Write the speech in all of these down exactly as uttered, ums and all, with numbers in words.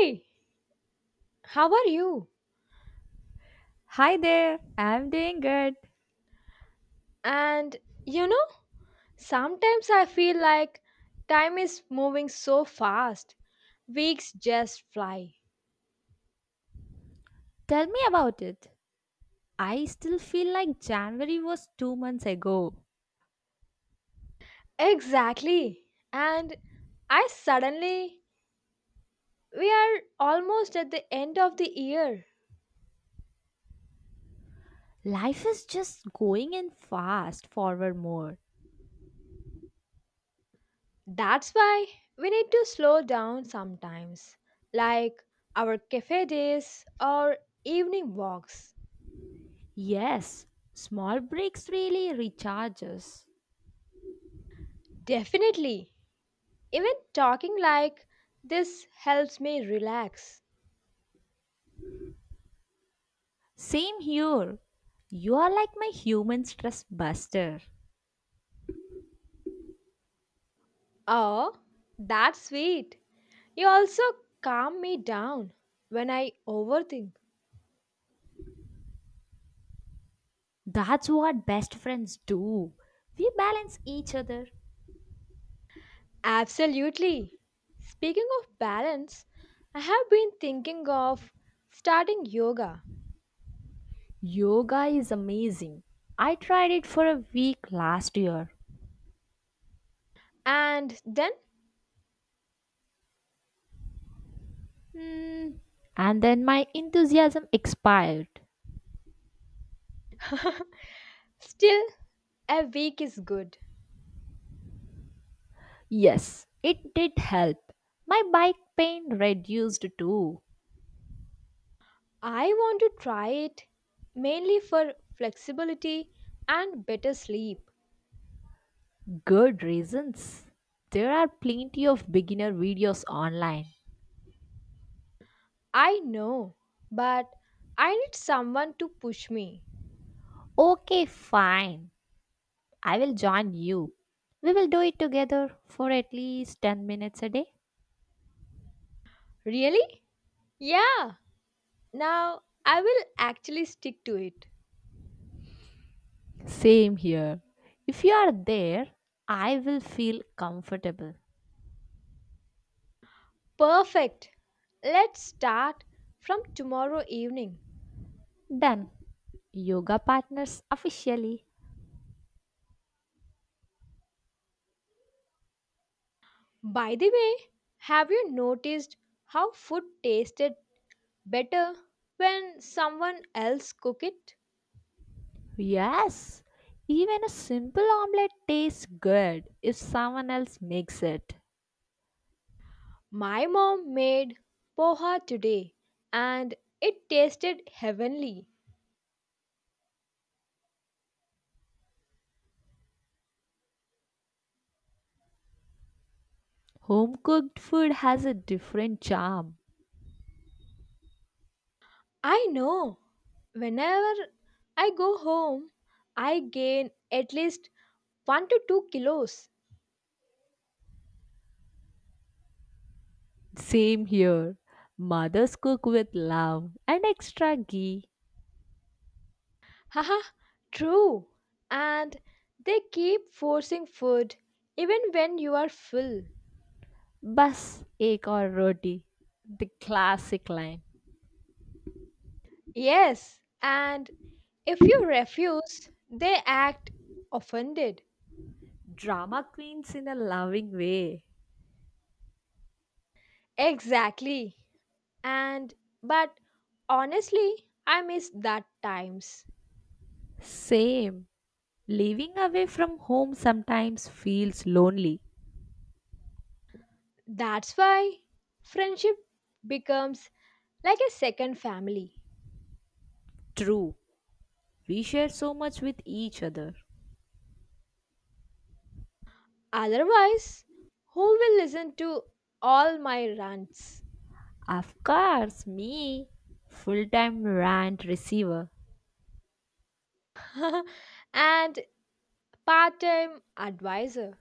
Hey, how are you? Hi there, I'm doing good. And you know, sometimes I feel like time is moving so fast, weeks just fly. Tell me about it. I still feel like January was two months ago. Exactly. And I suddenly, we are almost at the end of the year. Life is just going in fast forward mode. That's why we need to slow down sometimes, like our cafe days or evening walks. Yes, small breaks really recharge us. Definitely. Even talking like this helps me relax. Same here. You are like my human stress buster. Oh, that's sweet. You also calm me down when I overthink. That's what best friends do. We balance each other. Absolutely. Speaking of balance, I have been thinking of starting yoga, Yoga is amazing. I tried it for a week last year. and then Hmm. And then my enthusiasm expired. still, a week is good. Yes, it did help. My bike pain reduced too. I want to try it mainly for flexibility and better sleep. Good reasons. There are plenty of beginner videos online. I know, but I need someone to push me. Okay, fine. I will join you. We will do it together for at least ten minutes a day. Really? Yeah, now I will actually stick to it. Same here. If you are there, I will feel comfortable. Perfect. Let's start from tomorrow evening. Done. Yoga partners officially. By the way, have you noticed how food tasted better when someone else cooked it? Yes, even a simple omelette tastes good if someone else makes it. My mom made poha today and it tasted heavenly. Home cooked food has a different charm. I know. Whenever I go home, I gain at least one to two kilos. Same here. Mothers cook with love and extra ghee. Haha, true. And they keep forcing food even when you are full. Bus, egg or roti. The classic line. Yes, and if you refuse, they act offended. Drama queens in a loving way. Exactly. And but honestly, I miss that times. Same. Living away from home sometimes feels lonely. That's why friendship becomes like a second family. True. We share so much with each other. Otherwise, who will listen to all my rants? Of course, me, full time rant receiver. And part time advisor.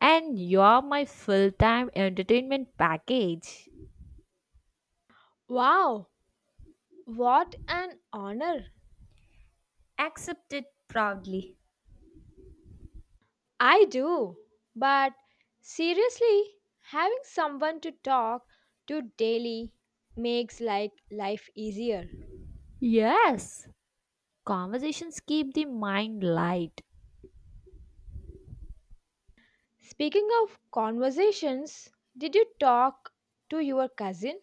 And you're my full time entertainment package. Wow, what an honor! Accepted proudly. I do. But seriously, having someone to talk to daily makes like life easier. Yes, conversations keep the mind light. Speaking of conversations, did you talk to your cousin?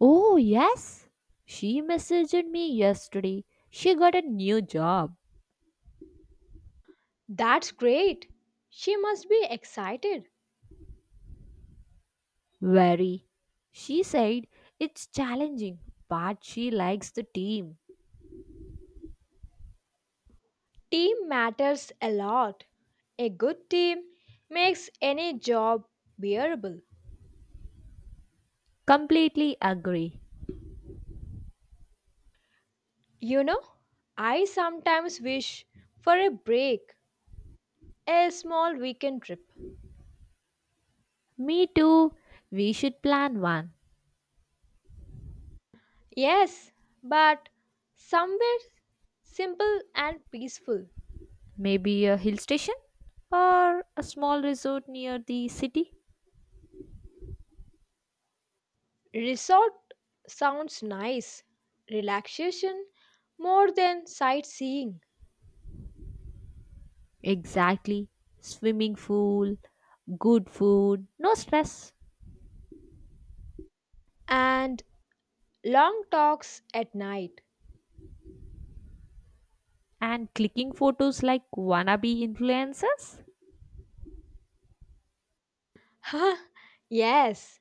Oh, yes, she messaged me yesterday. She got a new job. That's great. She must be excited. Very. She said it's challenging, but she likes the team. Team matters a lot. A good team makes any job bearable. Completely agree. You know, I sometimes wish for a break, a small weekend trip. Me too. We should plan one. Yes, but somewhere simple and peaceful. Maybe a hill station or a small resort near the city? Resort sounds nice, relaxation more than sightseeing, Exactly. Swimming pool, good food, no stress, and long talks at night. and clicking photos like wannabe influencers? Huh? Yes,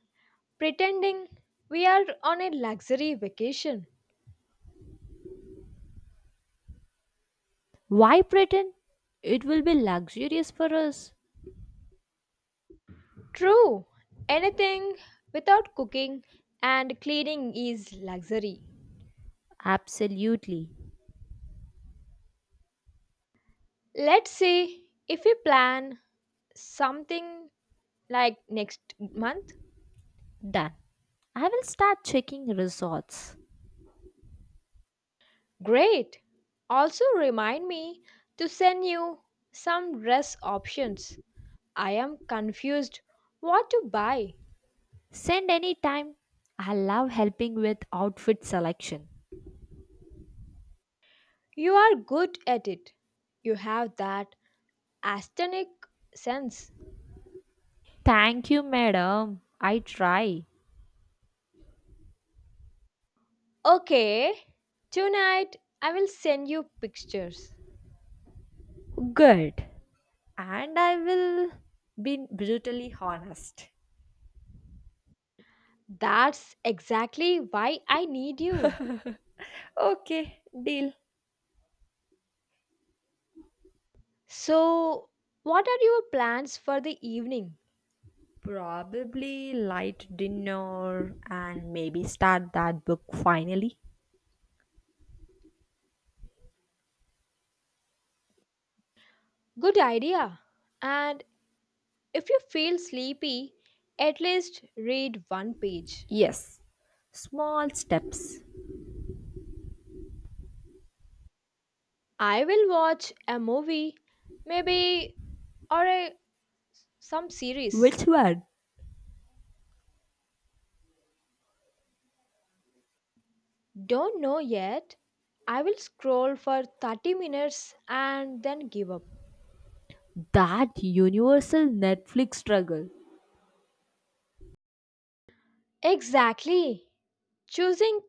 pretending we are on a luxury vacation. Why pretend? It will be luxurious for us. True, anything without cooking and cleaning is luxury. Absolutely. Let's say if we plan something like next month. Done. I will start checking resorts. Great. Also, remind me to send you some dress options. I am confused what to buy. Send any time. I love helping with outfit selection. You are good at it. You have that aesthetic sense. Thank you, madam. I try. Okay, tonight I will send you pictures. Good. And I will be brutally honest. That's exactly why I need you. Okay, deal. So, what are your plans for the evening? Probably light dinner and maybe start that book finally. Good idea. And if you feel sleepy, at least read one page. Yes, small steps. I will watch a movie, maybe, or a, some series. Which one? Don't know yet. I will scroll for thirty minutes and then give up. That universal Netflix struggle. Exactly. Choosing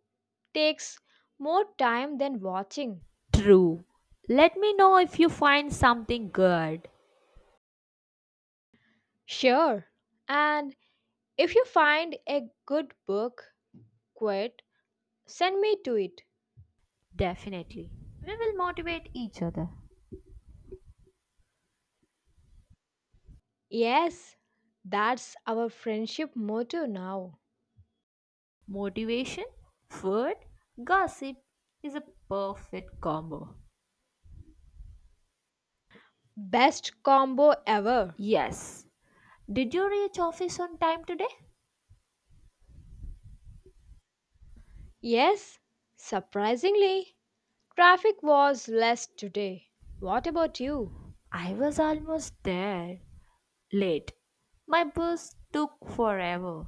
takes more time than watching. True. Let me know if you find something good. Sure. And if you find a good book, quit, send me to it. Definitely. We will motivate each other. Yes, that's our friendship motto now. Motivation, food, gossip is a perfect combo. Best combo ever. Yes. Did you reach office on time today? Yes, surprisingly, traffic was less today. What about you? I was almost there. Late. My bus took forever.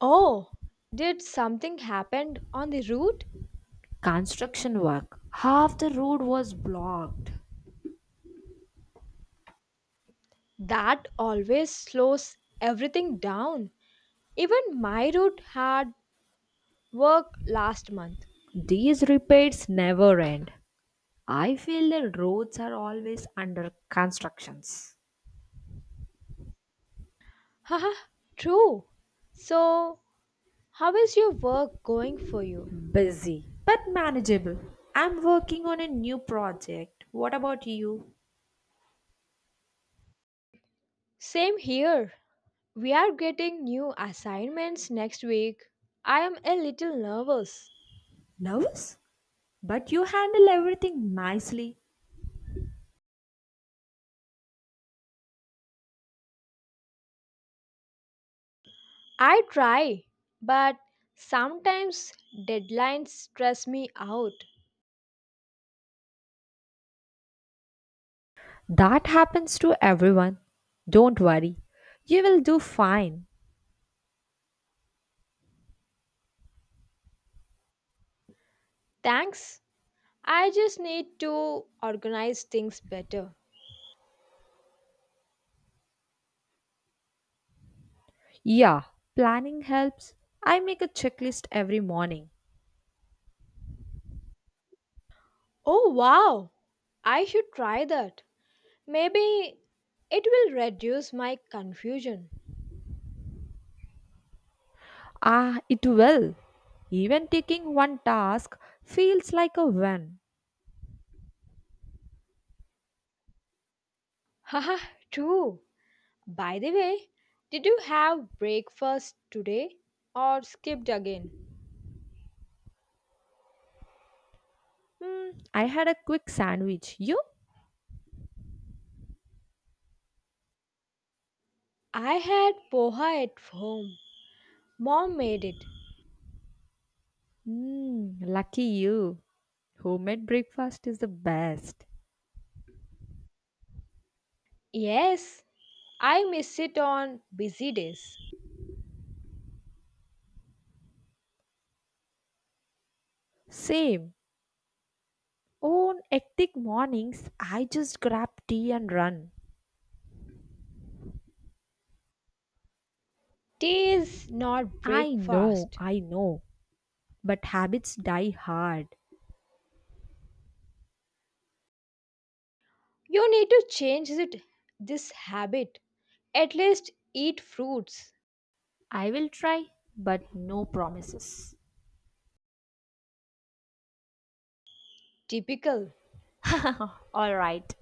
Oh, did something happen on the route? Construction work. Half the road was blocked. That always slows everything down. Even my route had work last month. These repairs never end. I feel the roads are always under constructions. Haha, true. So, how is your work going for you? Busy, but manageable. I'm working on a new project. What about you? Same here. We are getting new assignments next week. I am a little nervous. Nervous? But you handle everything nicely. I try, but sometimes deadlines stress me out. That happens to everyone. Don't worry, you will do fine. Thanks. I just need to organize things better. Yeah, planning helps. I make a checklist every morning. Oh, wow. I should try that. Maybe it will reduce my confusion. Ah, it will. Even taking one task feels like a win. Haha, true. By the way, did you have breakfast today or skipped again? Hmm, I had a quick sandwich. You? I had poha at home. Mom made it. Hmm, lucky you. Homemade breakfast is the best. Yes, I miss it on busy days. Same. On hectic mornings, I just grab tea and run. Tea is not I know, breakfast. I know, but habits die hard. You need to change it, this habit. At least eat fruits. I will try, but no promises. Typical. All right,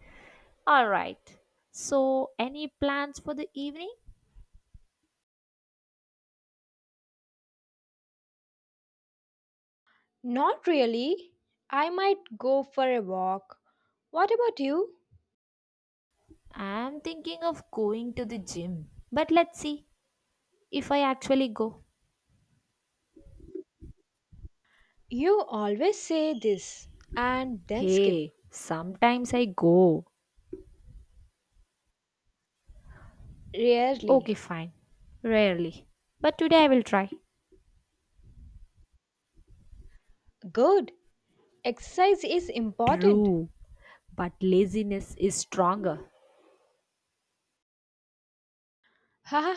all right. So, any plans for the evening? Not really. I might go for a walk. What about you? I'm thinking of going to the gym, but let's see if I actually go. You always say this and then skip. Hey, sometimes I go. Okay, Rarely. fine. Rarely. But today I will try. Good. Exercise is important. True, but laziness is stronger. Haha,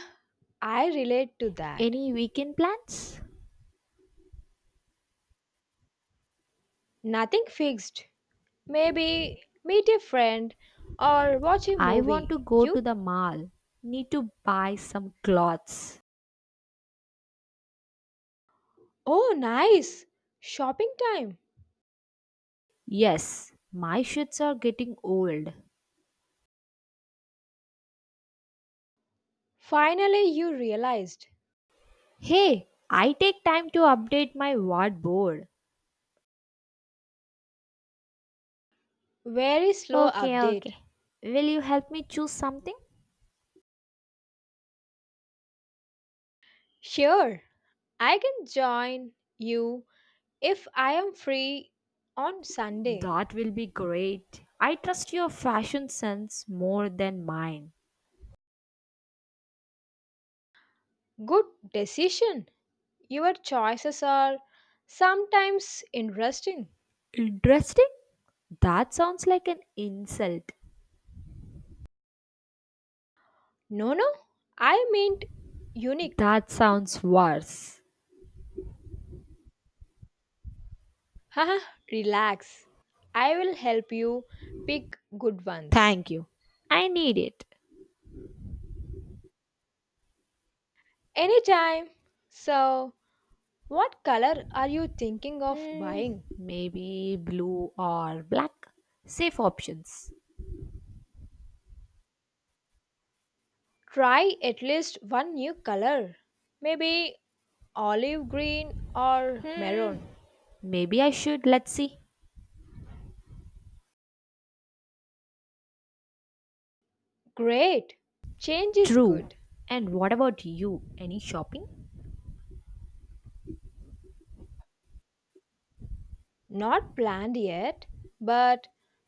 I relate to that. Any weekend plans? Nothing fixed. Maybe meet a friend or watch a I want to movie. go to You? the mall. Need to buy some clothes. Oh, nice. Shopping time. Yes, my shirts are getting old. Finally, you realized. Hey, I take time to update my wardrobe. Very slow Okay, update. okay. Will you help me choose something? Sure, I can join you if I am free on Sunday. That will be great. I trust your fashion sense more than mine. Good decision. Your choices are sometimes interesting. Interesting? That sounds like an insult. No, no, I meant unique. That sounds worse. Haha, relax. I will help you pick good ones. Thank you. I need it. Anytime. So, what color are you thinking of Hmm, buying? maybe blue or black. Safe options. Try at least one new color. Maybe olive green or Hmm, maroon. maybe I should. Let's see. Great. Change is True. good. And what about you? Any shopping? Not planned yet, but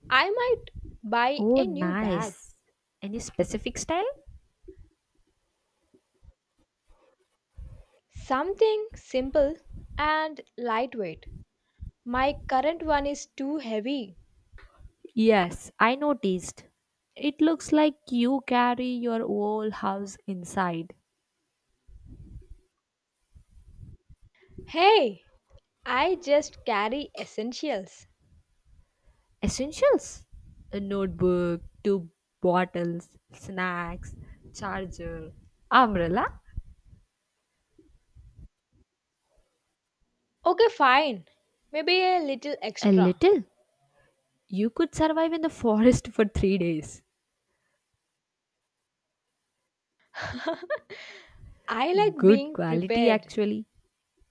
I might buy Oh, a new bag. nice. Any specific style? Something simple and lightweight. My current one is too heavy. Yes, I noticed. It looks like you carry your whole house inside. Hey, I just carry essentials. Essentials? A notebook, two bottles, snacks, charger, umbrella. Okay, fine. Maybe a little A extra. little. You could survive in the forest for three days. I like Good being quality, prepared. actually.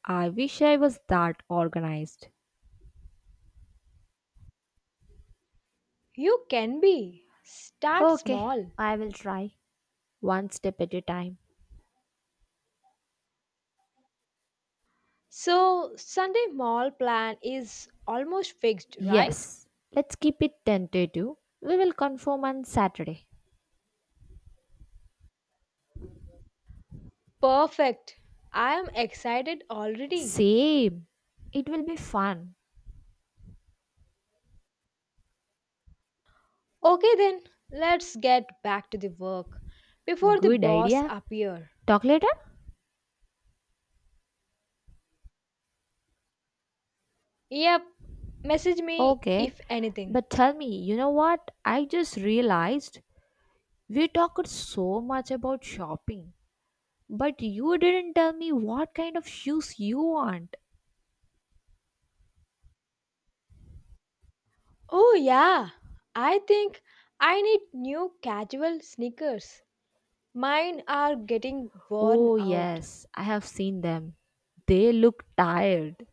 I wish I was that organized. You can be. Start Okay, small. I will try. One step at a time. So, Sunday mall plan is almost fixed, right? Yes, let's keep it tentative. We will confirm on Saturday. Perfect. I am excited already. Same. It will be fun. Okay then, let's get back to the work before the Good boss idea. appear. Talk later? Yep, message me Okay. if anything. But tell me, you know what? I just realized we talked so much about shopping, but you didn't tell me what kind of shoes you want. Oh yeah, I think I need new casual sneakers. Mine are getting worn Oh, out. yes, I have seen them. They look tired.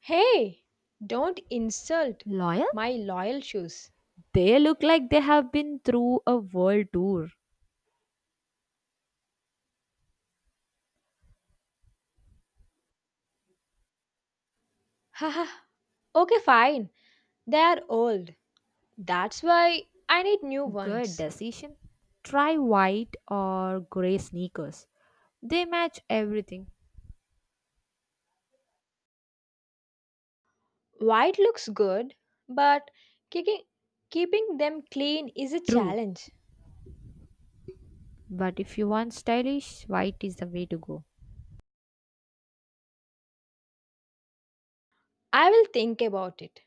Hey, don't insult Loyal? my loyal shoes. They look like they have been through a world tour. Haha, okay, fine. They are old. That's why I need new Good ones. decision. Try white or grey sneakers. They match everything. White looks good, but kicking, keeping them clean is a True, challenge. but if you want stylish, white is the way to go. I will think about it.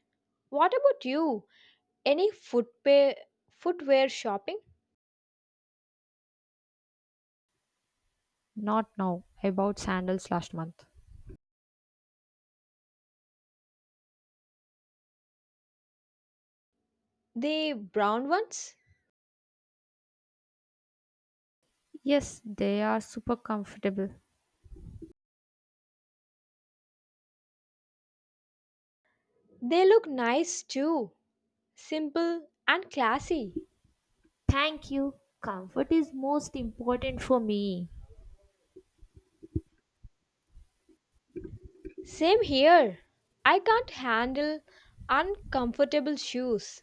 What about you? Any footwear, footwear shopping? Not now. I bought sandals last month. The brown ones? Yes, they are super comfortable. They look nice too. Simple and classy. Thank you. Comfort is most important for me. Same here. I can't handle uncomfortable shoes.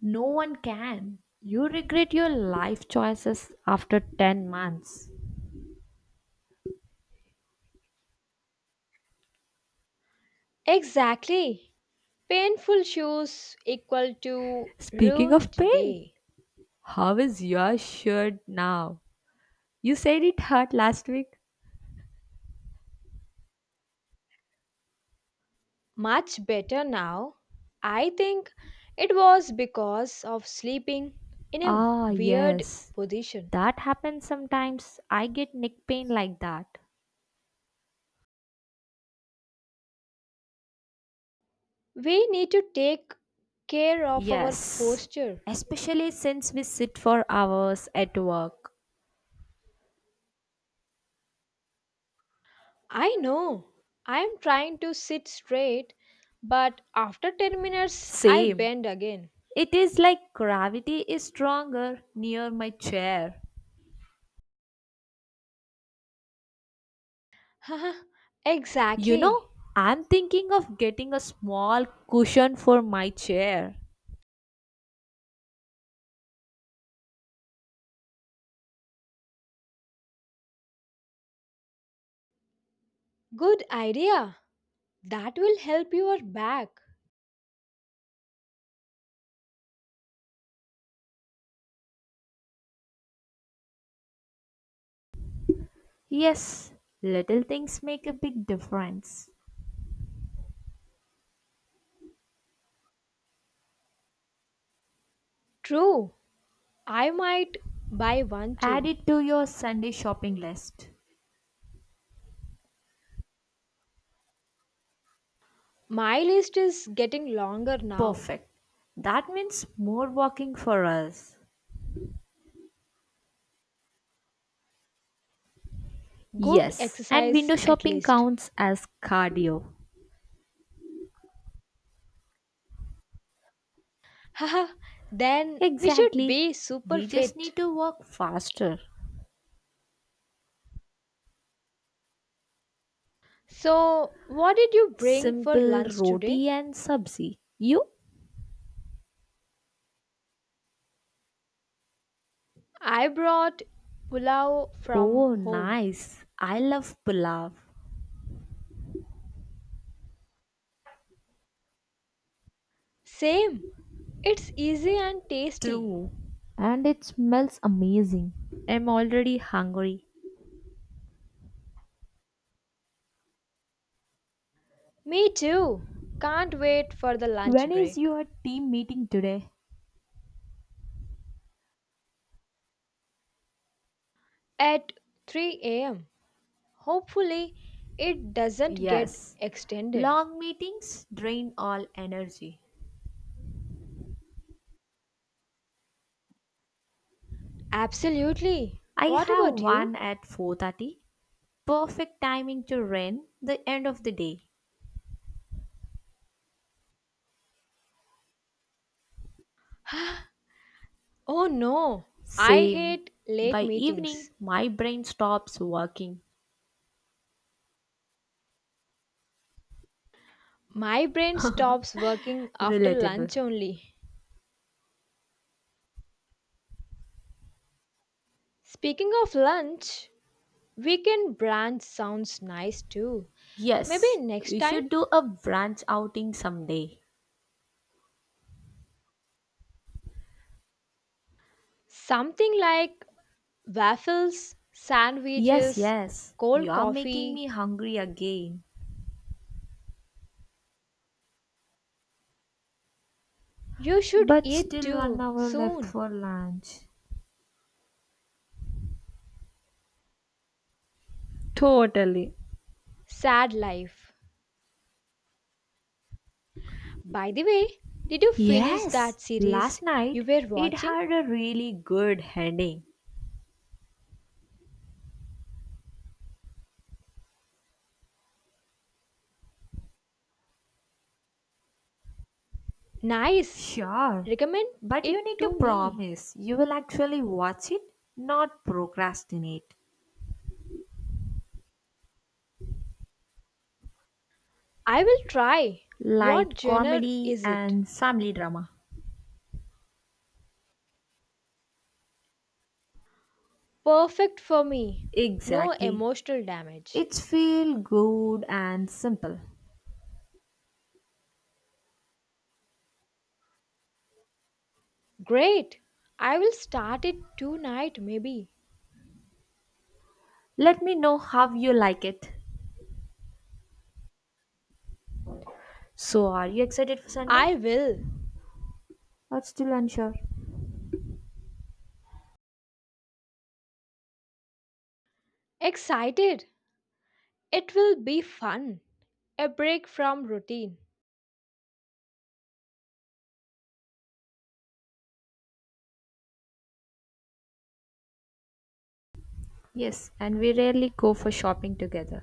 No one can. You regret your life choices after ten months. Exactly. Painful shoes equal to Speaking of ruined pain, day. how is your shirt now? You said it hurt last week. Much better now. I think it was because of sleeping in a Ah, weird yes. position. That happens sometimes. I get neck pain like that. We need to take care of our Yes, posture. especially since we sit for hours at work. I know I am trying to sit straight, but after ten minutes I Same. bend again. It is like gravity is stronger near my chair. Haha, You exactly. know, I'm thinking of getting a small cushion for my chair. Good idea. That will help your back. Yes, little things make a big difference. True. I might buy one Add too. it to your Sunday shopping list. My list is getting longer now. Perfect. That means more walking for us. Good Yes, and exercise window at shopping least. counts as cardio. Haha, then we should Exactly. be super We just fit. need to walk faster. So, what did you bring for Simple lunch roti today? and sabzi. You? I brought pulao from Oh, home. nice. I love pulao. Same. It's easy and tasty. True. And it smells amazing. I'm already hungry. Me too. Can't wait for the lunch When is break your team meeting today? at three a m. Hopefully, it doesn't get Yes. extended. Long meetings drain all energy. Absolutely. I What have about one you? at four thirty. Perfect timing to run the end of the day. Oh no, I Same. hate late By evening, meetings. my brain stops working. My brain stops working after Relatable. lunch only. Speaking of lunch, weekend brunch sounds nice too. Maybe Yes, next we time? should do a branch outing someday. Something like waffles, Yes, sandwiches, yes, cold you are making coffee. me hungry again. You should But eat still one too hour left soon. for lunch. Totally. Sad life. By the way, did you finish that Yes, series last you night were it watching? had a really good ending. Nice. Sure. Recommend But you it need to to me. promise you will actually watch it, not procrastinate. I will try. What Light genre comedy is it? and family drama. Perfect for me. No Exactly. emotional damage. It's feel good and simple. Great. I will start it tonight, maybe. Let me know how you like it. So, are you excited for Sunday? I will. But still unsure. Excited. It will be fun. A break from routine. Yes, and we rarely go for shopping together.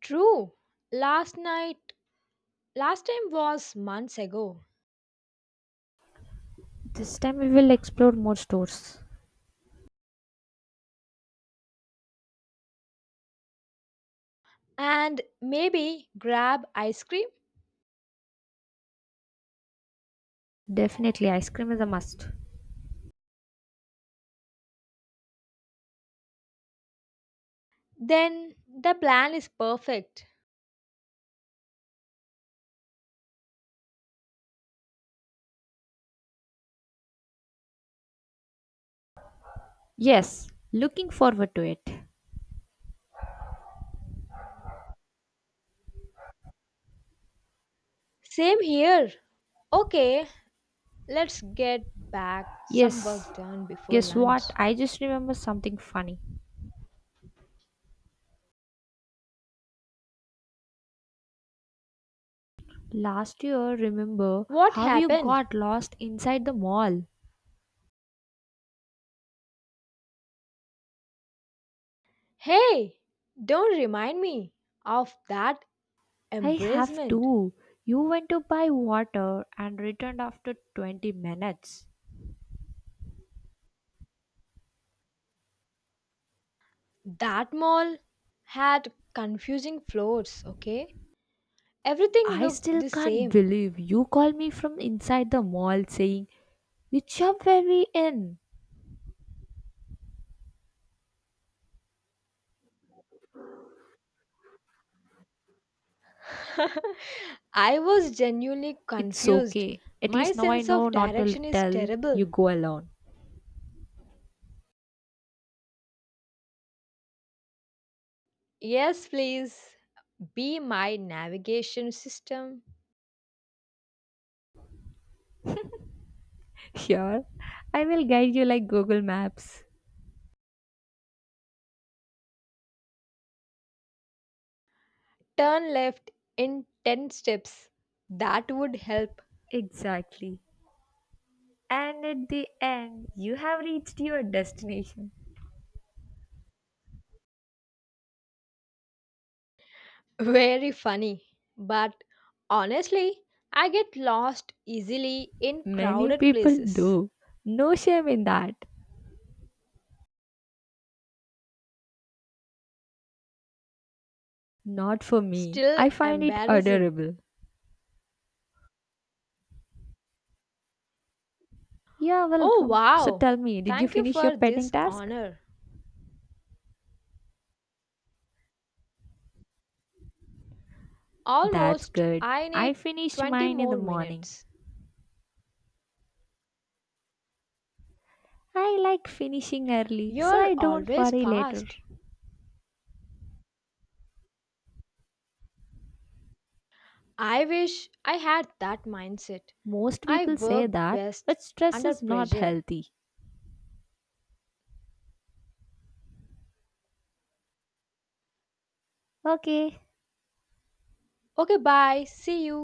True. Last night, last time was months ago. This time we will explore more stores. And maybe grab ice cream? Definitely, ice cream is a must. Then the plan is perfect. Yes, looking forward to it. Same here. Okay, let's get back some Yes, work done before guess what? lunch. I just remember something funny. Last year, remember What how you happened? got lost inside the mall? Hey, don't remind me of that I have embracement. too. You went to buy water and returned after twenty minutes. That mall had confusing floors, okay? Everything I looked still the can't same. believe you called me from inside the mall saying, which shop were we in? I was genuinely It's confused. okay. At My least now I sense know of not to direction is tell terrible. you go alone. Yes, please be my navigation system. Sure, I will guide you like Google Maps. Turn left in ten steps. That would help. Exactly. And at the end, you have reached your destination. Very funny. But honestly, I get lost easily in Many crowded people places. do. No shame in that. Not for me. Still I find it embarrassing. adorable. Yeah, Oh welcome. So wow! tell me, did you Thank you finish your for petting this task? honor. That's Almost, good. I I need finished twenty mine in the more morning. minutes. I like finishing early, so You're I don't always worry later. fast. I wish I had that mindset. Most I people say work that, best but stress under is not pressure. healthy. Okay, Okay, bye. See you.